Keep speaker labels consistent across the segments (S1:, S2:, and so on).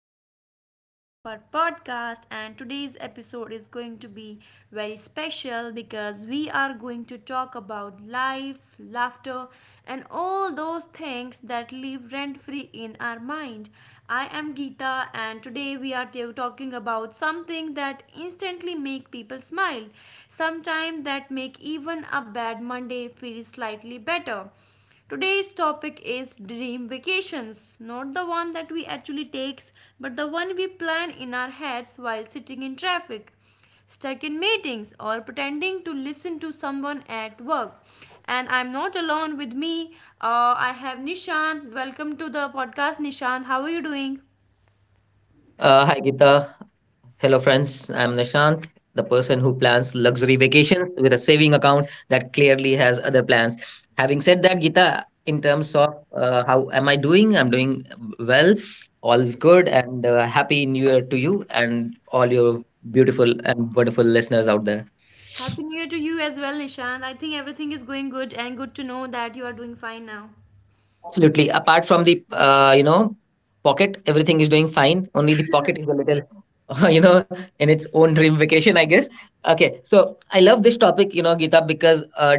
S1: another episode of our podcast. And today's episode is going to be very special because we are going to talk about life, laughter, and all those things that live rent free in our mind. I am Geeta, and today we are talking about something that instantly make people smile, sometimes that make even a bad Monday feel slightly better. Today's topic is dream vacations, not the one that we actually takes, but the one we plan in our heads while sitting in traffic, stuck in meetings or pretending to listen to someone at work. And I'm not alone with me. I have Nishant. Welcome to the podcast, Nishant. How are you doing?
S2: Hi Gita. Hello friends. I'm Nishant, the person who plans luxury vacations with a saving account that clearly has other plans. Having said that, Gita, in terms of how am I doing? I'm doing well. All is good and happy new year to you and all your beautiful and wonderful listeners out there.
S1: Happy New Year to you as well, Nishant. I think everything is going good and good to know that you are doing fine now.
S2: Absolutely. Apart from the pocket, everything is doing fine. Only the pocket is a little in its own dream vacation, I guess. Okay, so I love this topic, Gita, because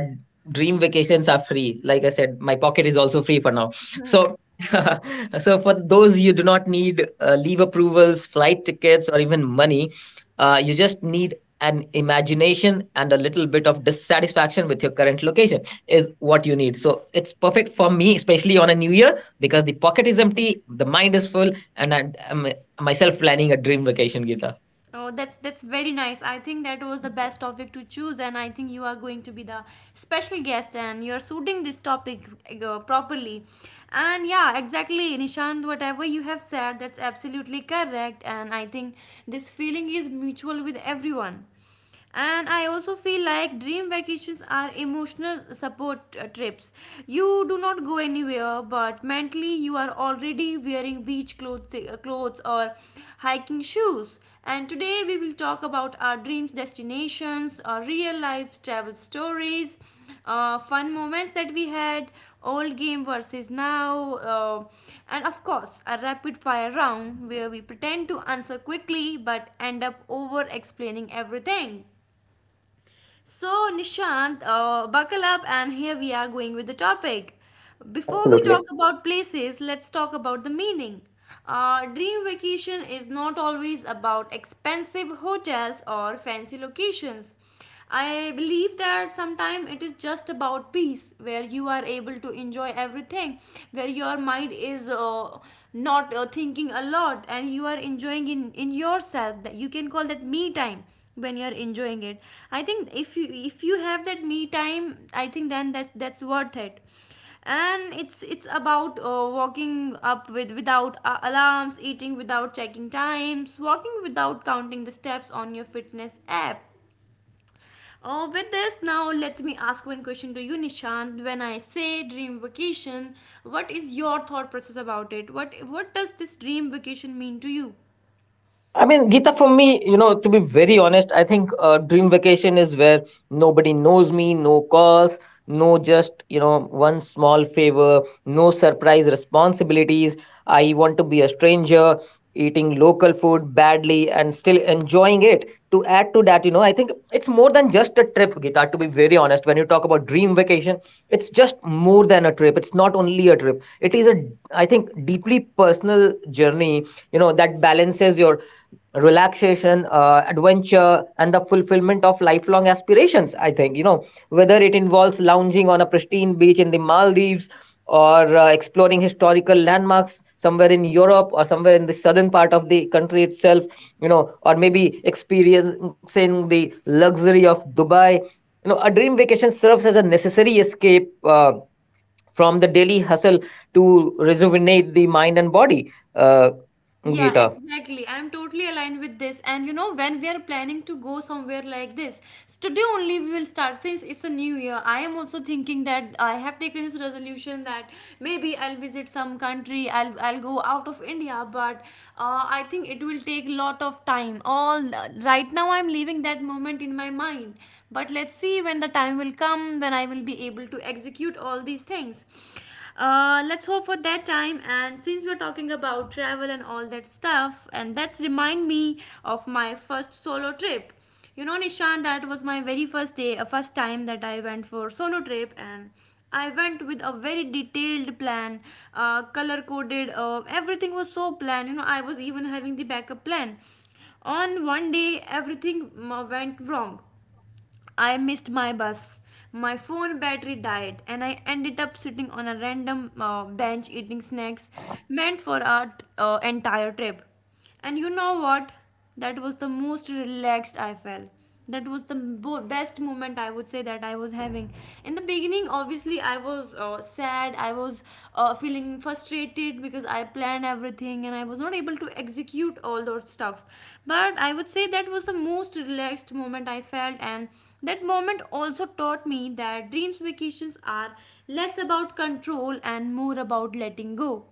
S2: dream vacations are free. Like I said, my pocket is also free for now. So. So for those you do not need leave approvals, flight tickets, or even money, you just need an imagination and a little bit of dissatisfaction with your current location is what you need. So it's perfect for me, especially on a new year, because the pocket is empty, the mind is full, and I'm myself planning a dream vacation, Gita.
S1: Oh, that's very nice. I think that was the best topic to choose, and I think you are going to be the special guest, and you are suiting this topic properly. And yeah, exactly, Nishant. Whatever you have said, that's absolutely correct, and I think this feeling is mutual with everyone, and I also feel like dream vacations are emotional support trips. You do not go anywhere, but mentally you are already wearing beach clothes, or hiking shoes. And today we will talk about our dreams destinations or real life travel stories, fun moments that we had, old game versus now, and of course, a rapid fire round where we pretend to answer quickly but end up over explaining everything. So, Nishant, buckle up, and here we are going with the topic. Before we
S2: Absolutely.
S1: talk about places, let's talk about the meaning. Dream vacation is not always about expensive hotels or fancy locations. I believe that sometimes it is just about peace, where you are able to enjoy everything, where your mind is not thinking a lot, and you are enjoying in yourself. That you can call that me time when you're enjoying it. I think if you have that me time, I think then that's worth it. And it's about walking up with without alarms, eating without checking times, walking without counting the steps on your fitness app. With this, now let me ask one question to you, Nishant. When I say dream vacation, what is your thought process about it? What does this dream vacation mean to you?
S2: I mean, Geeta, for me, to be very honest, I think dream vacation is where nobody knows me, no calls, no just, one small favor, no surprise responsibilities. I want to be a stranger, eating local food badly and still enjoying it. To add to that, I think it's more than just a trip, Geeta, to be very honest. When you talk about dream vacation, it's just more than a trip. It's not only a trip, it is a, I think, deeply personal journey, that balances your relaxation, adventure, and the fulfillment of lifelong aspirations. I think, whether it involves lounging on a pristine beach in the Maldives or exploring historical landmarks somewhere in Europe or somewhere in the southern part of the country itself, or maybe experiencing the luxury of Dubai, a dream vacation serves as a necessary escape from the daily hustle to rejuvenate the mind and body. uh,
S1: Yeah,
S2: Geeta.
S1: exactly. I'm totally aligned with this. And you know, when we are planning to go somewhere like this, so today only we will start since it's a new year. I am also thinking that I have taken this resolution that maybe I'll visit some country, I'll go out of India, but I think it will take lot of time. All right now I'm leaving that moment in my mind. But let's see when the time will come when I will be able to execute all these things. Let's hope for that time. And since we're talking about travel and all that stuff, and that's remind me of my first solo trip. You know, Nishan, that was my very first time that I went for solo trip, and I went with a very detailed plan, color coded. Everything was so planned. You know, I was even having the backup plan. On one day, everything went wrong. I missed my bus. My phone battery died, and I ended up sitting on a random bench eating snacks meant for our entire trip. And you know what? That was the most relaxed I felt. That was the best moment, I would say, that I was having. In the beginning, obviously, honestly, I was sad. I was feeling frustrated because I planned everything and I was not able to execute all those stuff. But I would say that was the most relaxed moment I felt, and that moment also taught me that dreams vacations are less about control and more about letting go.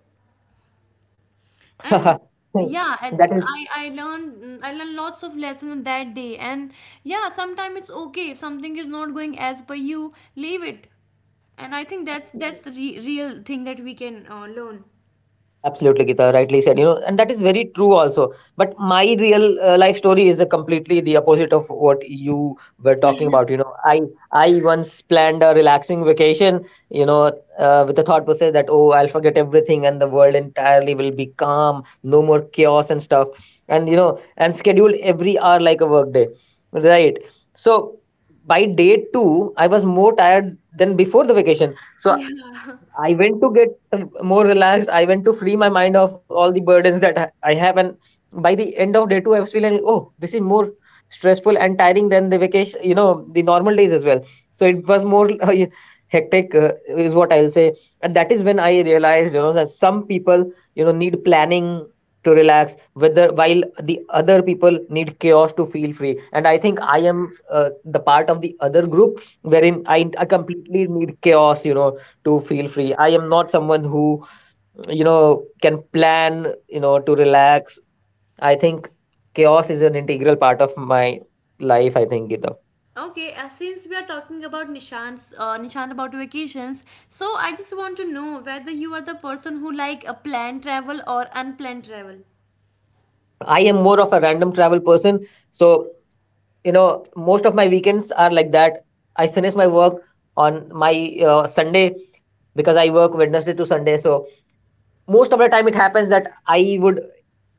S1: And yeah, and
S2: That is
S1: I learned lots of lessons that day. And yeah, sometimes it's okay if something is not going as per you, leave it. And I think that's the real thing that we can learn.
S2: absolutely, Gita, rightly said. You know, and that is very true also. But my real life story is a completely the opposite of what you were talking about. You know, I once planned a relaxing vacation. You know, with the thought process that oh, I'll forget everything and the world entirely will be calm, no more chaos and stuff. And you know, and scheduled every hour like a work day, right? So by day two, I was more tired than before the vacation. So
S1: Yeah.
S2: I went to get more relaxed. I went to free my mind of all the burdens that I have, and by the end of day two, I was feeling like, oh, this is more stressful and tiring than the vacation, you know, the normal days as well. So it was more hectic, is what I'll say. And that is when I realized, you know, that some people, you know, need planning to relax, whether while the other people need chaos to feel free. And I think I am the part of the other group wherein I completely need chaos, you know, to feel free. I am not someone who, you know, can plan, you know, to relax. I think chaos is an integral part of my life, I think, Gita.
S1: Okay. Since we are talking about Nishant about vacations, so I just want to know whether you are the person who like a planned travel or unplanned travel.
S2: I am more of a random travel person. So, you know, most of my weekends are like that. I finish my work on my Sunday because I work Wednesday to Sunday. So, most of the time it happens that I would,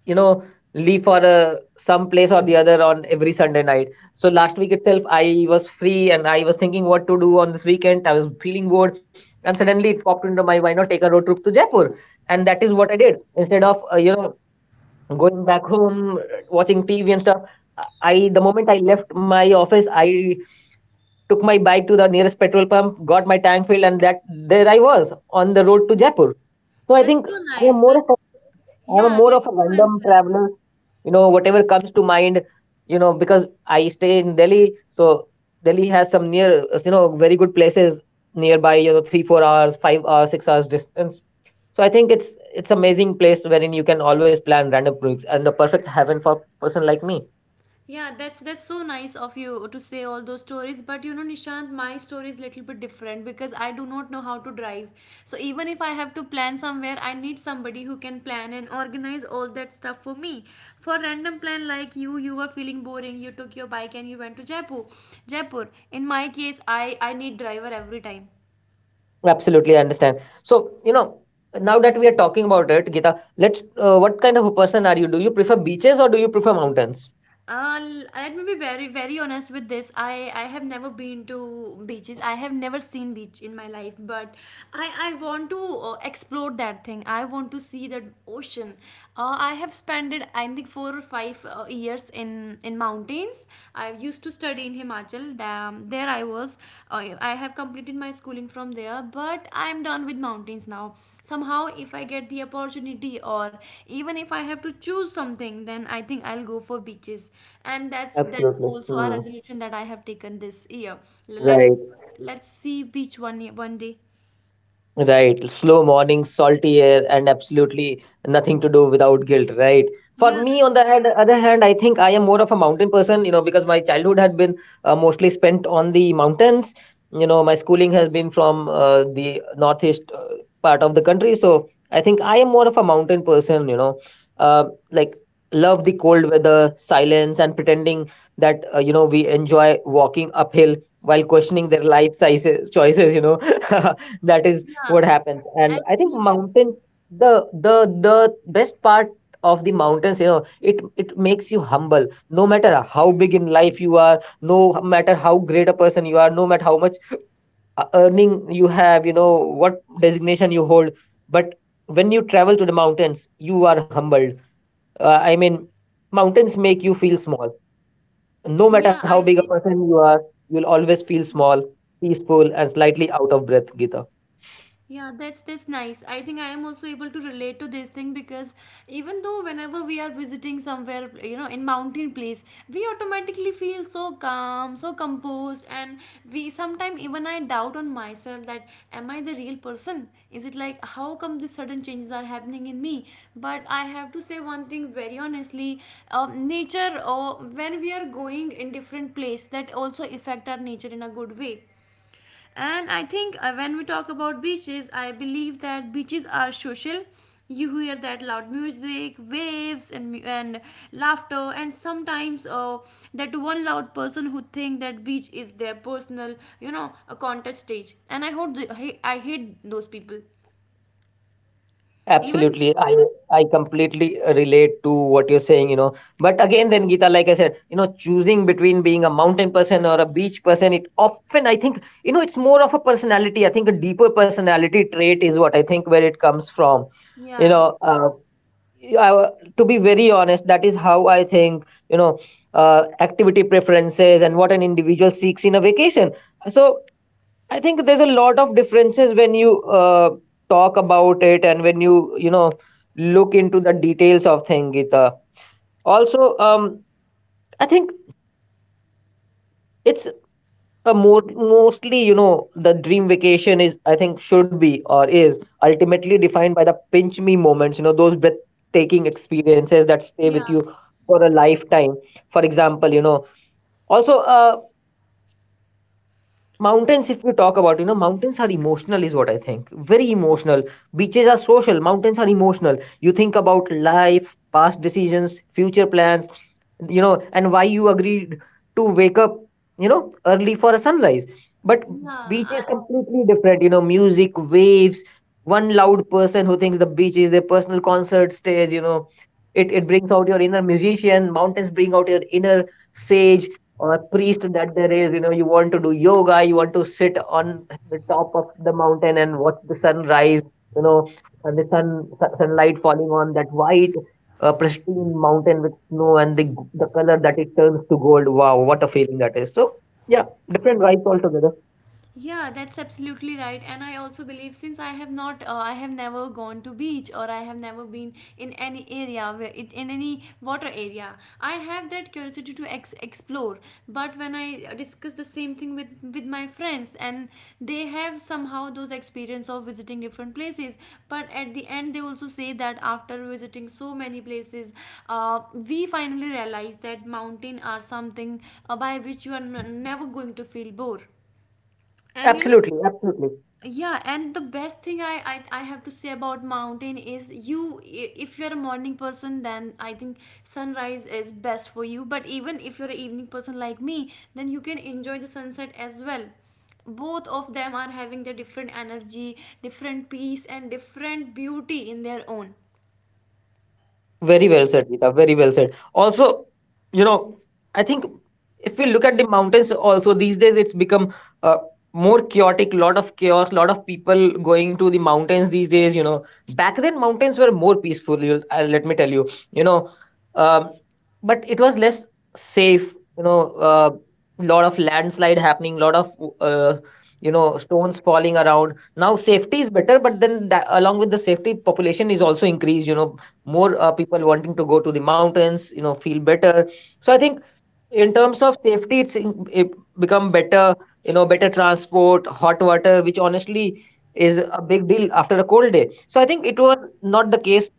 S2: you know, leave for some place or the other on every Sunday night. So last week itself I was free and I was thinking what to do on this weekend. I was feeling bored, and suddenly it popped into my mind not take a road trip to Jaipur, and that is what I did. Instead of going back home, watching TV and stuff, I, the moment I left my office, I took my bike to the nearest petrol pump, got my tank filled, and that there I was on the road to Jaipur. So I
S1: That's
S2: think
S1: so
S2: I
S1: nice.
S2: am more
S1: That
S2: of a, I am
S1: Yeah,
S2: more
S1: that's
S2: of a
S1: so unplanned.
S2: random traveler. You know, whatever comes to mind. You know, because I stay in Delhi, so Delhi has some near, you know, very good places nearby. You know, three four hours, five hours, six hours distance. So I think it's amazing place wherein you can always plan random projects and a perfect heaven for person like me.
S1: Yeah, that's so nice of you to say all those stories. But you know, Nishant, my story is little bit different because I do not know how to drive. So even if I have to plan somewhere, I need somebody who can plan and organize all that stuff for me. For random plan like you were feeling boring, you took your bike and you went to Jaipur. Jaipur. In my case, I need driver every time.
S2: Absolutely, I understand. So, you know, now that we are talking about it, Gita, let's what kind of a person are you? Do you prefer beaches or do you prefer mountains?
S1: Let me be very, very honest with this. I have never been to beaches. I have never seen beach in my life, but I want to explore that thing. I want to see that ocean. I have spent, it, I think, four or five years in mountains. I used to study in Himachal, the there I was, I have completed my schooling from there, but I'm done with mountains now. Somehow if I get the opportunity, or even if I have to choose something, then I think I'll go for beaches. And that's
S2: Absolutely.
S1: also a
S2: Hmm.
S1: resolution that I have taken this year. Let let's see beach one day.
S2: Right. Slow morning, salty air, and absolutely nothing to do without guilt, right? For
S1: Yeah,
S2: me, on the hand- other hand, I think I am more of a mountain person, you know, because my childhood had been mostly spent on the mountains. You know, my schooling has been from the northeast part of the country. So I think I am more of a mountain person, you know, uh, like love the cold weather, silence, and pretending that, you know, we enjoy walking uphill while questioning their life sizes, choices, you know. That is
S1: yeah,
S2: what happens. And I think
S1: absolutely.
S2: mountains, the the the best part of the mountains, you know, it makes you humble. No matter how big in life you are, no matter how great a person you are, no matter how much earning you have, you know, what designation you hold, but when you travel to the mountains you are humbled. I mean, mountains make you feel small. No matter
S1: Yeah,
S2: how
S1: I
S2: big a
S1: think.
S2: person you are, you'll always feel small, peaceful, and slightly out of breath, Gita.
S1: Yeah, that's nice. I think I am also able to relate to this thing because, even though whenever we are visiting somewhere, you know, in mountain place, we automatically feel so calm, so composed, and we sometimes, even I doubt on myself, that am I the real person? Is it like, how come these sudden changes are happening in me? But I have to say one thing very honestly, nature, or when we are going in different place, that also affect our nature in a good way. And I think when we talk about beaches, I believe that beaches are social. You hear that loud music, waves, and and laughter, and sometimes that one loud person who think that beach is their personal, you know, a contest stage. And I hope the, I hate those people. Even
S2: Absolutely. I completely relate to what you're saying, you know. But again then Geeta, like I said, you know, choosing between being a mountain person or a beach person, it often I think, you know, it's more of a personality. I think a deeper personality trait is what I think where it comes from. You
S1: Yeah,
S2: know, I, to be very honest, that is how I think, you know, activity preferences and what an individual seeks in a vacation. So I think there's a lot of differences when you talk about it, and when you know, look into the details of thing, Gita. Also, I think it's a more mostly, you know, the dream vacation is I think should be or is ultimately defined by the pinch me moments. You know, those breathtaking experiences that stay
S1: yeah,
S2: with you for a lifetime. For example, you know, also mountains, if we talk about, you know, mountains are emotional, is what I think. Very emotional. Beaches are social, mountains are emotional. You think about life, past decisions, future plans, you know, and why you agreed to wake up, you know, early for a sunrise. But beach
S1: yeah.
S2: is completely different, you know, music, waves, one loud person who thinks the beach is their personal concert stage, you know. It brings out your inner musician. Mountains bring out your inner sage, or priest. That there is, you know, you want to do yoga, you want to sit on the top of the mountain and watch the sunrise, you know, and the sun, sunlight falling on that white pristine mountain with snow and the the color that it turns to gold. Wow, what a feeling that is. So yeah, different vibes altogether.
S1: Yeah, that's absolutely right. And I also believe, since I have not, I have never gone to beach or I have never been in any area where it, in any water area. I have that curiosity to explore. But when I discuss the same thing with my friends, and they have somehow those experience of visiting different places. But at the end, they also say that after visiting so many places, we finally realize that mountain are something by which you are never going to feel bored, and you know.
S2: Absolutely, absolutely.
S1: Yeah, and the best thing, I have to say about mountain is, you, if you're a morning person, then I think sunrise is best for you. But even if you're an evening person like me, then you can enjoy the sunset as well. Both of them are having their different energy, different peace and different beauty in their own.
S2: Very well said, Geeta. Very well said. Also, you know, I think if we look at the mountains, also these days it's become uh, more chaotic. Lot of chaos. Lot of people going to the mountains these days. You know, back then mountains were more peaceful. You, let me tell you. You know, um, but it was less safe. You know, lot of landslide happening. Lot of uh, you know, stones falling around. Now safety is better, but then that, along with the safety, population is also increased, you know. More people wanting to go to the mountains, you know, feel better. So I think in terms of safety it's in, it become better. You know, better transport, hot water, which honestly is a big deal after a cold day. So I think it was not the case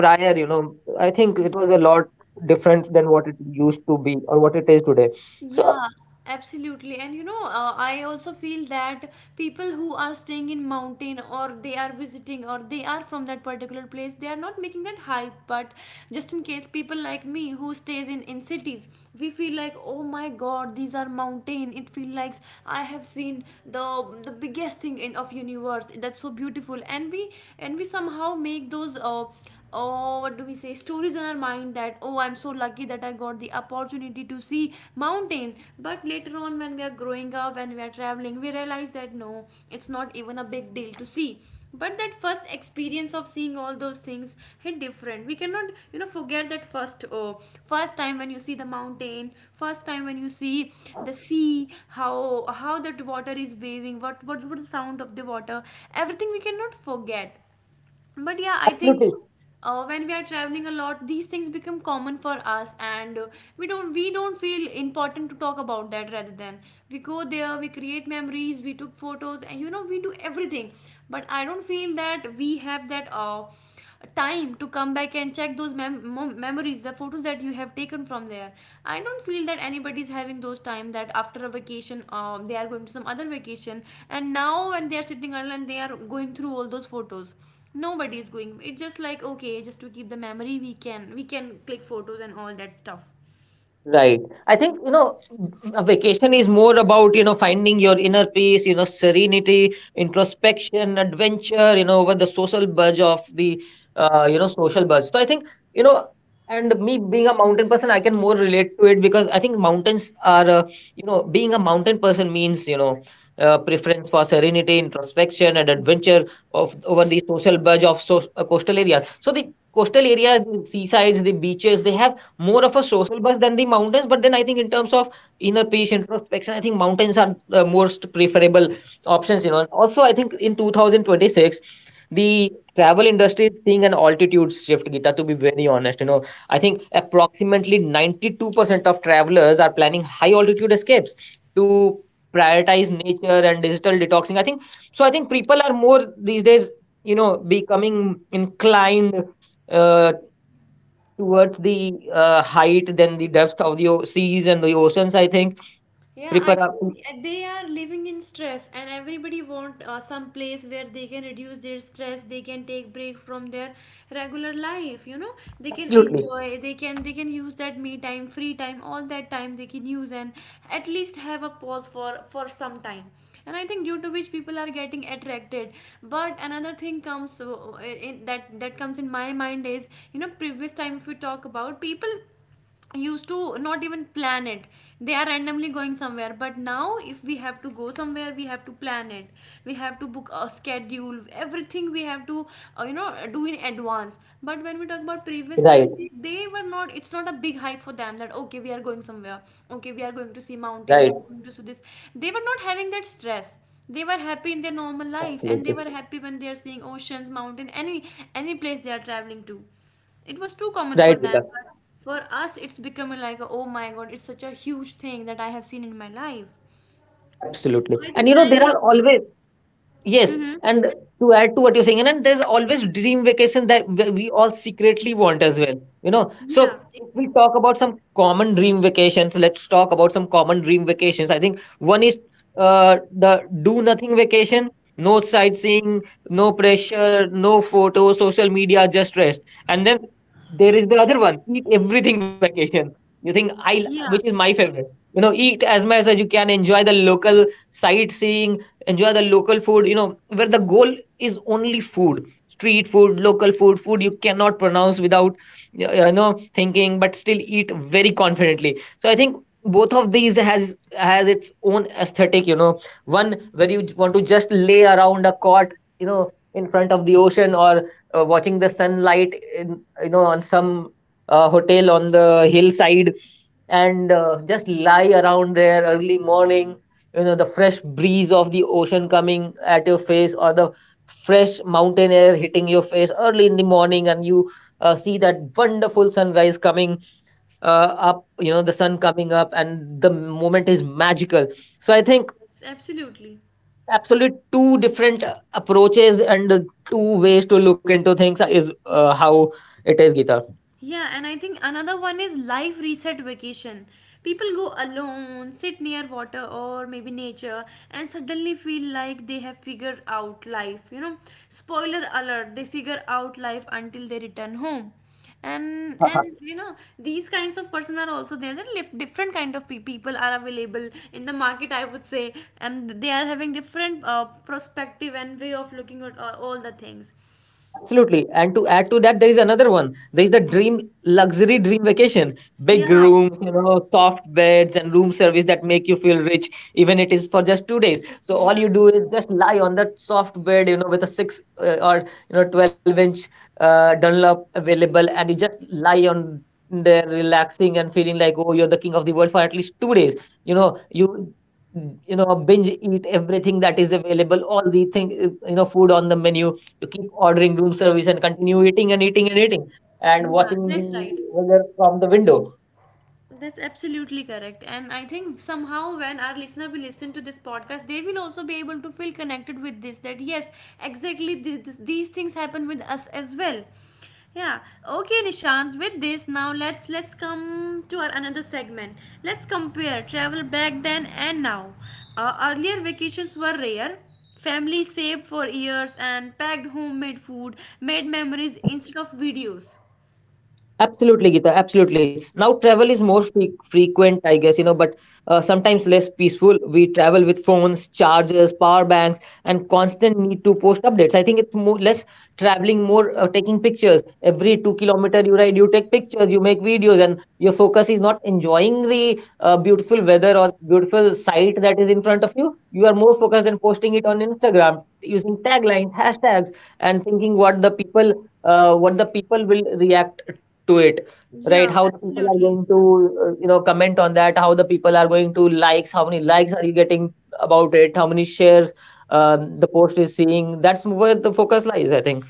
S2: prior, you know. I think it was a lot different than what it used to be or what it is today. So
S1: Yeah, absolutely. And you know, I also feel that people who are staying in mountain, or they are visiting, or they are from that particular place, they are not making that hype. But just in case people like me who stays in cities, we feel like, oh my God, these are mountain. It feel like I have seen the biggest thing in of universe. That's so beautiful. And we somehow make those oh, what do we say, stories in our mind, that oh, I'm so lucky that I got the opportunity to see mountains. But later on, when we are growing up, when we are traveling, we realize that no, it's not even a big deal to see. But that first experience of seeing all those things hit different. We cannot, you know, forget that first, oh, first time when you see the mountain, first time when you see the sea. How that water is waving, what the sound of the water. Everything we cannot forget. But yeah, I think
S2: absolutely.
S1: when we are traveling a lot, these things become common for us, and we don't feel important to talk about that. Rather than we go there, we create memories, we took photos, and we do everything. But I don't feel that we have that. Time to come back and check those memories, the photos that you have taken from there. I don't feel that anybody's having those time that after a vacation they are going to some other vacation, and now when they are sitting idle and they are going through all those photos, nobody is going. It's just like okay, just to keep the memory we can click photos and all that stuff.
S2: Right. I think, you know, a vacation is more about, you know, finding your inner peace, you know, serenity, introspection, adventure, you know, over the social buzz of the, you know, social buzz. So I think, you know, and me being a mountain person, I can more relate to it because I think mountains are, being a mountain person means, preference for serenity, introspection, and adventure of over the social buzz of so, coastal areas. So the coastal areas, the seasides, the beaches, they have more of a social buzz than the mountains. But then I think in terms of inner peace, introspection, I think mountains are most preferable options. Also I think in 2026, the travel industry is seeing an altitude shift. Gita, to be very honest, I think approximately 92% of travelers are planning high altitude escapes to prioritize nature and digital detoxing. I think so. I think people are more these days becoming inclined uh, towards the height than the depth of the seas and the oceans, I think.
S1: Yeah, I
S2: Prepare up.
S1: think they are living in stress, and everybody want some place where they can reduce their stress. They can take break from their regular life. You know, they can
S2: Absolutely.
S1: enjoy. They can use that me time, free time, all that time they can use, and at least have a pause for some time. And I think due to which people are getting attracted. But another thing comes in that that comes in my mind is, you know, previous time, if we talk about people, used to not even plan it. They are randomly going somewhere, but now if we have to go somewhere we have to plan it. We have to book a schedule, everything we have to you know, do in advance. But when we talk
S2: Right.
S1: about previous time, they were not, it's not a big hype for them that okay we are going somewhere, okay we are going
S2: Right.
S1: to see mountain, we are going to see this. They were not having that stress. They were happy in their normal
S2: Absolutely.
S1: life, and they were happy when they are seeing oceans, mountain, any place they are traveling to. It was too
S2: Right,
S1: common
S2: Gita.
S1: for them, but for us, it's becoming like, oh my god, it's such a huge thing that I have seen in my life.
S2: Absolutely,
S1: So I
S2: and
S1: think
S2: there
S1: time
S2: are
S1: is.
S2: always... Yes,
S1: Hmm
S2: and to add to what you're saying, and then there's always dream vacation that we all secretly want as well. So
S1: Yeah,
S2: if we talk about some common dream vacations, let's talk about some common dream vacations. I think one is the do nothing vacation, no sightseeing, no pressure, no photos, social media, just rest. And then there is the other one, eat everything vacation. You think I, which
S1: yeah,
S2: is my favorite. Eat as much as you can, enjoy the local sightseeing, enjoy the local food, where the goal is only food, street food, local food, food you cannot pronounce without thinking, but still eat very confidently. So I think both of these has its own aesthetic, one where you want to just lay around a cot, in front of the ocean or watching the sunlight in, on some hotel on the hillside, and just lie around there early morning, the fresh breeze of the ocean coming at your face or the fresh mountain air hitting your face early in the morning, and you see that wonderful sunrise coming up, the sun coming up and the moment is magical. So I think
S1: yes, absolutely.
S2: absolute two different approaches and two ways to look into things is how it is, Gita.
S1: Yeah, and I think another one is life reset vacation. People go alone, sit near water or maybe nature, and suddenly feel like they have figured out life. You know, spoiler alert, they figure out life until they return home. And you know, these kinds of person are also there. There are different kind of people are available in the market, I would say, and they are having different perspective and way of looking at all the things.
S2: Absolutely. And to add to that, there is another one. There is the dream luxury dream vacation. Big
S1: Yeah,
S2: rooms, soft beds and room service that make you feel rich, even it is for just 2 days. So all
S1: yeah,
S2: you do is just lie on that soft bed, with a six or 12 inch Dunlop available, and you just lie on there relaxing and feeling like oh you're the king of the world for at least 2 days. You know, you you know, binge eat everything that is available, all the thing, food on the menu, you keep ordering room service and continue eating and eating and eating and
S1: yeah.
S2: watching the
S1: That's right.
S2: weather from the window.
S1: That's absolutely correct. And I think somehow when our listener will listen to this podcast, they will also be able to feel connected with this that yes, exactly this, these things happen with us as well. Yeah. Okay, Nishant, with this now let's come to our another segment. Let's compare travel back then and now. Earlier vacations were rare. Family saved for years and packed homemade food, made memories instead of videos.
S2: Absolutely, Gita. Absolutely. Now, travel is more frequent, I guess, but sometimes less peaceful. We travel with phones, chargers, power banks, and constant need to post updates. I think it's more less traveling, more taking pictures. Every 2 kilometer you ride, you take pictures, you make videos, and your focus is not enjoying the beautiful weather or beautiful sight that is in front of you. You are more focused on posting it on Instagram using taglines, hashtags, and thinking what the people will react to it, right,
S1: Yeah,
S2: how the people are
S1: absolutely.
S2: going to comment on that, how the people are going to likes, how many likes are you getting about it, how many shares the post is seeing. That's where the focus lies, I think.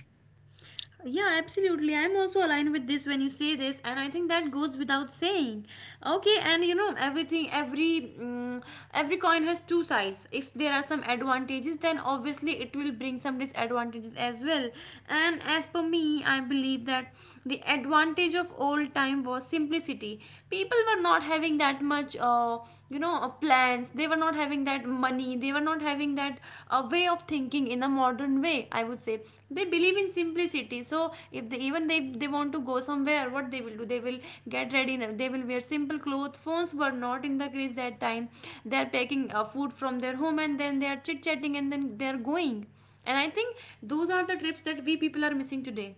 S1: Yeah, absolutely. I'm also aligned with this when you say this, and I think that goes without saying. Okay, and you know everything, every coin has two sides. If there are some advantages, then obviously it will bring some disadvantages as well. And as per me, I believe that the advantage of old time was simplicity. People were not having that much, you know, plans. They were not having that money, they were not having that way of thinking in a modern way, I would say. They believe in simplicity. So if they, even they want to go somewhere, what they will do, they will get ready, they will wear simple clothes. Phones were not in the craze that time. They are packing food from their home, and then they are chit chatting, and then they are going. And I think those are the trips that we people are missing today.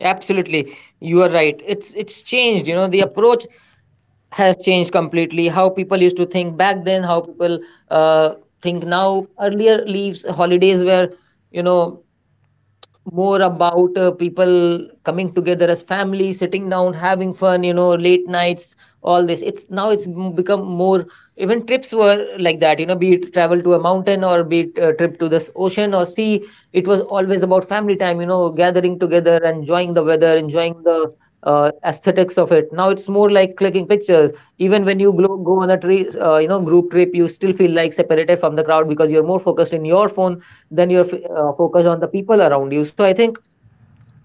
S2: Absolutely, you are right, it's changed, the approach has changed completely. How people used to think back then, how people uh, think now. Earlier leaves holidays were, you know more about people coming together as family, sitting down, having fun, late nights, all this. It's now it's become more. Even trips were like that, be it travel to a mountain or be it a trip to this ocean or sea. It was always about family time, gathering together, enjoying the weather, enjoying the aesthetics of it. Now it's more like clicking pictures. Even when you go on a tree group trip, you still feel like separated from the crowd because you're more focused in your phone then you're focused on the people around you. So I think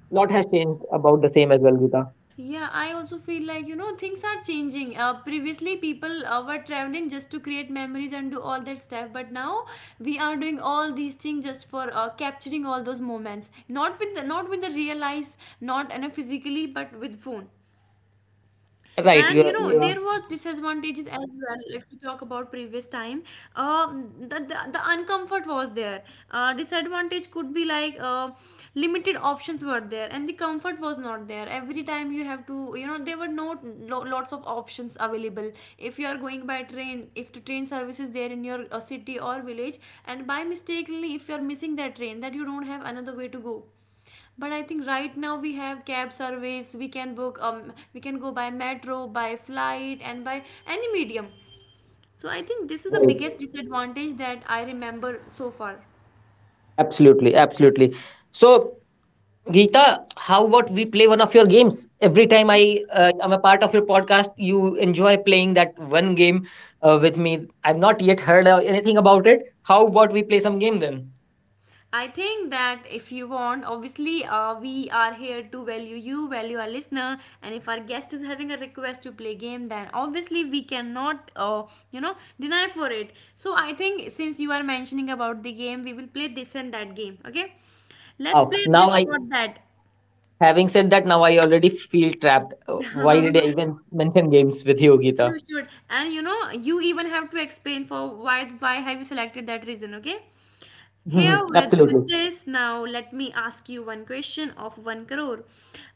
S2: lot has changed about the same as well, Gita.
S1: Yeah, I also feel like, you know, things are changing. Previously, people were traveling just to create memories and do all that stuff, but now we are doing all these things just for capturing all those moments. Not with not with the real eyes, not, you know, physically, but with phone.
S2: Right,
S1: And you
S2: you're,
S1: know
S2: you're
S1: there was disadvantages as well if we talk about previous time. The uncomfort was there. Disadvantage could be like, limited options were there, and the comfort was not there every time. You have to, you know, there were no lots of options available. If you are going by train, if the train service is there in your city or village, and by mistakenly if you are missing that train, that you don't have another way to go. But I think right now we have cab service, we can book, we can go by metro, by flight, and by any medium. So I think this is the
S2: right.
S1: biggest disadvantage that I remember so far.
S2: Absolutely, absolutely. So Geeta, how about we play one of your games? Every time I am a part of your podcast, you enjoy playing that one game with me. I've not yet heard anything about it. How about we play some game then?
S1: I think that if you want, obviously, we are here to value you, value our listener, and if our guest is having a request to play game, then obviously we cannot, you know, deny for it. So I think since you are mentioning about the game, we will play this and that game. Okay, let's
S2: Oh,
S1: play
S2: now
S1: this
S2: I...
S1: or that.
S2: having said that, now I already feel trapped. Why did I even mention games with you, Geeta?
S1: You should. And you know, you even have to explain for why have you selected that reason, okay? Here with
S2: Absolutely.
S1: this now, let me ask you one question of one crore.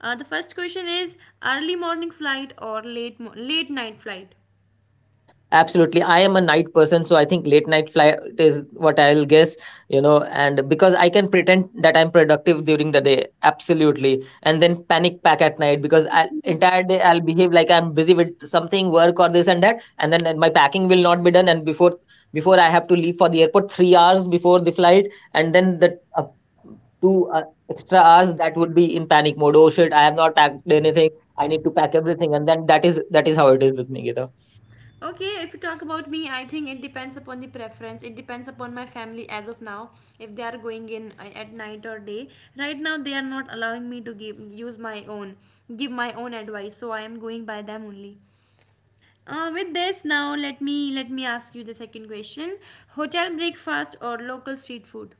S1: The first question is early morning flight or late night flight.
S2: Absolutely. I am a night person, so I think late night flight is what I'll guess, and because I can pretend that I'm productive during the day, absolutely, and then panic pack at night because I entire day I'll behave like I'm busy with something, work or this and that, and then my packing will not be done, and before I have to leave for the airport 3 hours before the flight, and then the two extra hours that would be in panic mode. Oh shit! I have not packed anything. I need to pack everything, and then that is how it is with me, Gita.
S1: Okay, if you talk about me, I think it depends upon the preference. It depends upon my family as of now. If they are going in at night or day, right now they are not allowing me to give use my own, give my own advice. So I am going by them only. With this now let me ask you the second question: hotel breakfast or local street food?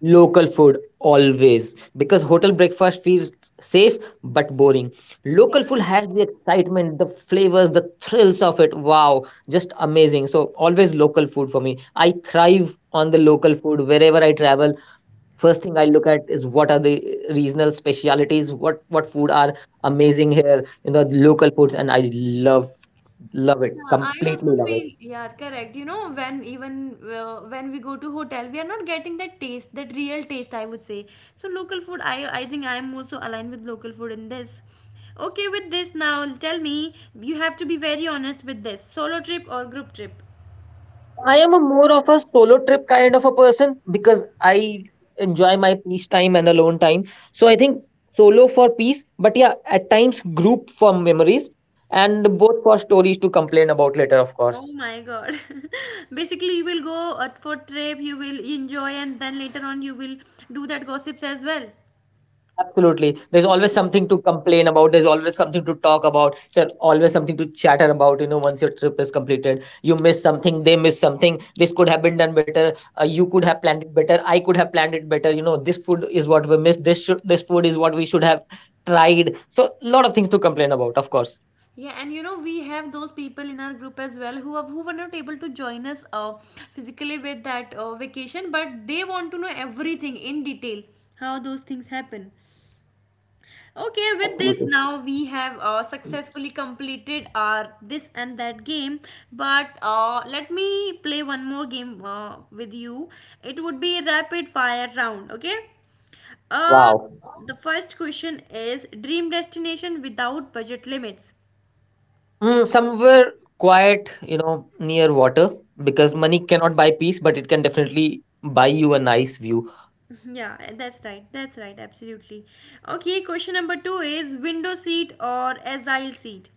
S2: Local food always, because hotel breakfast feels safe but boring.
S1: Yeah,
S2: Local food
S1: that's
S2: has
S1: right.
S2: the excitement, the flavors, the thrills of it. Wow, just amazing. So, always local food for me. I thrive on the local food wherever I travel. First thing I look at is what are the regional specialities, what food are amazing here in the local foods, and I love it
S1: Yeah, I
S2: completely,
S1: also
S2: love it.
S1: feel, yeah, correct. You know, when even when we go to hotel, we are not getting that taste, that real taste, I would say. So local food, I think I am also aligned with local food in this. Okay, with this now, tell me, you have to be very honest with this. Solo trip or group trip?
S2: I am a more of a solo trip kind of a person because I enjoy my peace time and alone time. So I think solo for peace, but yeah, at times group for memories, and both for stories to complain about later, of
S1: Oh
S2: course.
S1: my God. Basically, you will go for trip, you will enjoy, and then later on, you will do that gossips as well.
S2: Absolutely. There's always something to complain about. There's always something to talk about. So always something to chatter about. Once your trip is completed, you miss something. They miss something. This could have been done better. You could have planned it better. I could have planned it better. This food is what we missed. This food is what we should have tried. So a lot of things to complain about. Of course.
S1: Yeah, and you know we have those people in our group as well who are, who were not able to join us physically with that vacation, but they want to know everything in detail how those things happen. Okay, with this
S2: Absolutely.
S1: now we have successfully completed our this and that game. But let me play one more game with you. It would be rapid fire round. Okay. Uh,
S2: Wow.
S1: the first question is dream destination without budget limits.
S2: Mm, somewhere quiet, near water, because money cannot buy peace, but it can definitely buy you a nice view.
S1: Yeah, that's right. That's right. Absolutely. Okay. Question number two is window seat or aisle seat.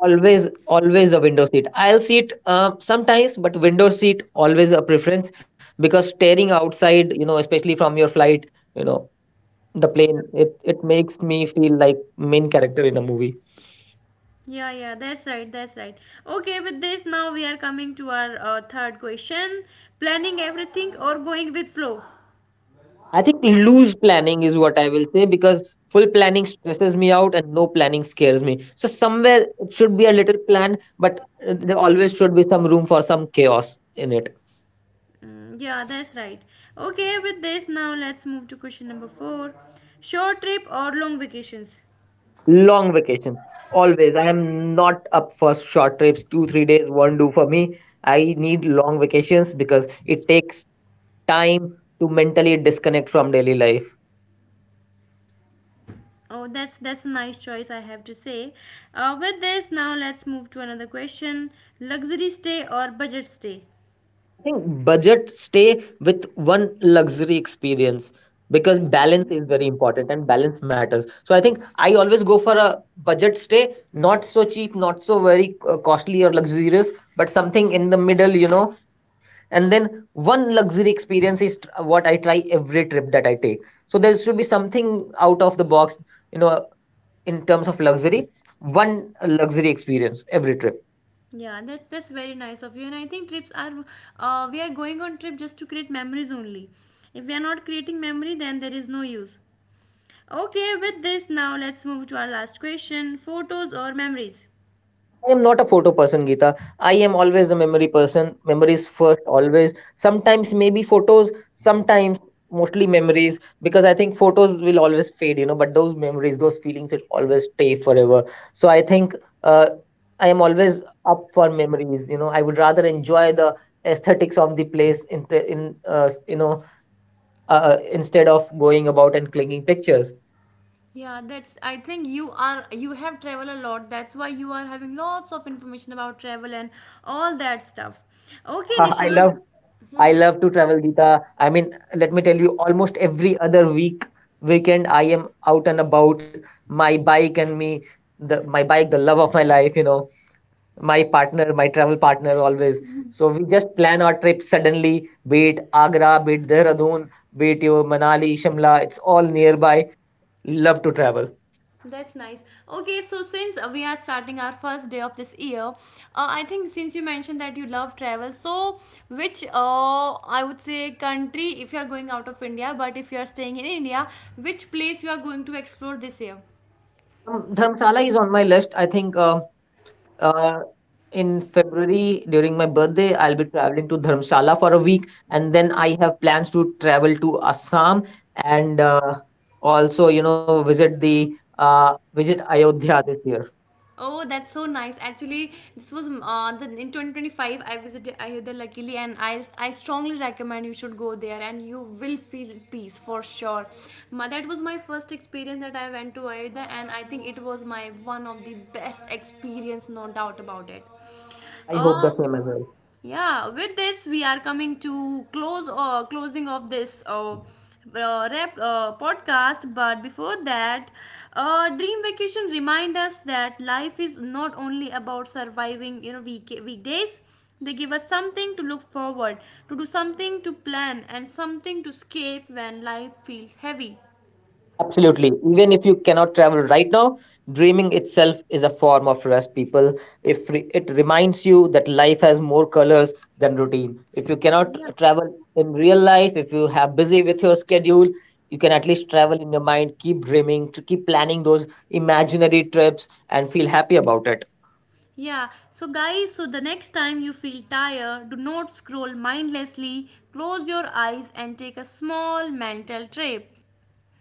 S2: Always, always a window seat. I'll sit sometimes, but window seat always a preference, because staring outside, especially from your flight, you know, the plane, it makes me feel like main character in a movie.
S1: Yeah, yeah, that's right, that's right. Okay, with this, now we are coming to our third question: planning everything or going with flow?
S2: I think loose planning is what I will say because full planning stresses me out and no planning scares me. So somewhere it should be a little plan, but there always should be some room for some chaos in it.
S1: Mm, yeah, that's right. Okay, with this, now let's move to question number four: short trip or long vacations?
S2: Long vacations. Always. I am not up for short trips. Two, 3 days won't do for me. I need long vacations because it takes time to mentally disconnect from daily life.
S1: Oh, that's a nice choice, I have to say. With this, now let's move to another question: luxury stay or budget stay?
S2: I think budget stay with one luxury experience, because balance is very important and balance matters. So I think I always go for a budget stay, not so cheap, not so very costly or luxurious, but something in the middle, and then one luxury experience is what I try every trip that I take. So there should be something out of the box, you know in terms of luxury. One luxury experience every trip.
S1: Yeah, that that's very nice of you. And I think trips are we are going on trip just to create memories only. If we are not creating memory, then there is no use. Okay, with this now let's move to our last question: photos or memories?
S2: I am not a photo person, Geeta. I am always a memory person. Memories first, always. Sometimes maybe photos, sometimes mostly memories, because I think photos will always fade, but those memories, those feelings will always stay forever. So I think uh, I am always up for memories, I would rather enjoy the aesthetics of the place instead of going about and clinging pictures.
S1: Yeah, that's, I think you are, you have traveled a lot. That's why you are having lots of information about travel and all that stuff. Okay,
S2: I love
S1: Nishant.
S2: I
S1: Mhm.
S2: love to travel, Geeta. I mean, let me tell you, almost every other week, weekend, I am out and about. My bike and me, the love of my life, my partner, my travel partner, always. So we just plan our trip suddenly, be it Agra, be it Dehradun, be it your Manali, Shimla. It's all nearby. Love to travel.
S1: That's nice. Okay, so since we are starting our first day of this year, I think since you mentioned that you love travel, so which, I would say country if you are going out of India, but if you are staying in India, which place you are going to explore this year?
S2: Dharamsala is on my list, I think. Uh, in February, during my birthday, I'll be traveling to Dharamshala for a week, and then I have plans to travel to Assam and also, visit the visit Ayodhya this year.
S1: Oh, that's so nice. Actually, this was the in 2025 I visited Ayodhya luckily, and I strongly recommend you should go there and you will feel peace for sure. Ma, that was my first experience that I went to Ayodhya, and I think it was my one of the best experience, no doubt about it.
S2: I hope
S1: Uh,
S2: the same as well.
S1: yeah, with this we are coming to close or closing of this podcast. But before that, dream vacation remind us that life is not only about surviving. You know, weekdays. They give us something to look forward to, do something to plan, and something to escape when life feels heavy.
S2: Absolutely. Even if you cannot travel right now, dreaming itself is a form of rest, people. If re- it reminds you that life has more colors than routine. If you cannot travel in real life, if you have busy with your schedule, you can at least travel in your mind, keep dreaming, to keep planning those imaginary trips and feel happy about it.
S1: Yeah, so guys, so the next time you feel tired, do not scroll mindlessly, close your eyes and take a small mental trip.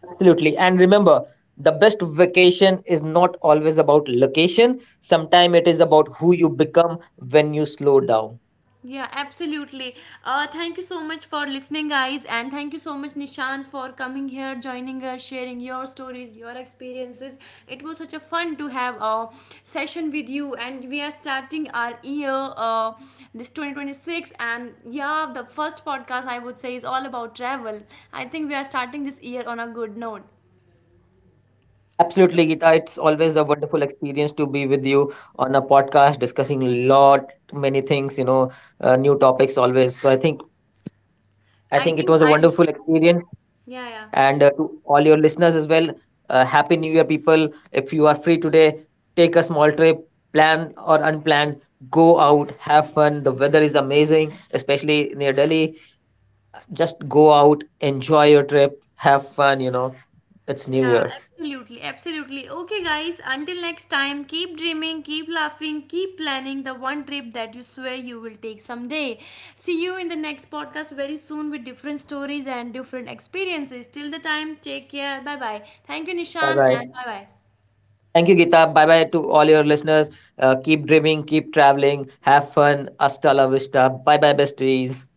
S2: Absolutely. And remember, the best vacation is not always about location. Sometimes it is about who you become when you slow down.
S1: Yeah, absolutely. Thank you so much for listening, guys, and thank you so much, Nishant, for coming here, joining us, sharing your stories, your experiences. It was such a fun to have a session with you, and we are starting our year, this 2026, and yeah, the first podcast I would say is all about travel. I think we are starting this year on a good note.
S2: Absolutely, Geeta. It's always a wonderful experience to be with you on a podcast discussing lot many things, new topics always. So I think it
S1: I
S2: was a
S1: think I,
S2: wonderful experience,
S1: yeah, yeah.
S2: and to all your listeners as well. Happy New Year, people! If you are free today, take a small trip, plan or unplanned. Go out, have fun. The weather is amazing, especially near Delhi. Just go out, enjoy your trip, have fun. It's New
S1: Yeah,
S2: Year.
S1: absolutely, absolutely. Okay, guys, until next time, keep dreaming, keep laughing, keep planning the one trip that you swear you will take someday. See you in the next podcast very soon with different stories and different experiences. Till the time, take care. Bye bye. Thank you,
S2: Bye
S1: Nishan, and
S2: bye.
S1: bye bye.
S2: Thank you, Geeta. Bye bye to all your listeners. Keep dreaming, keep traveling, have fun. Hasta la vista. Bye bye, besties.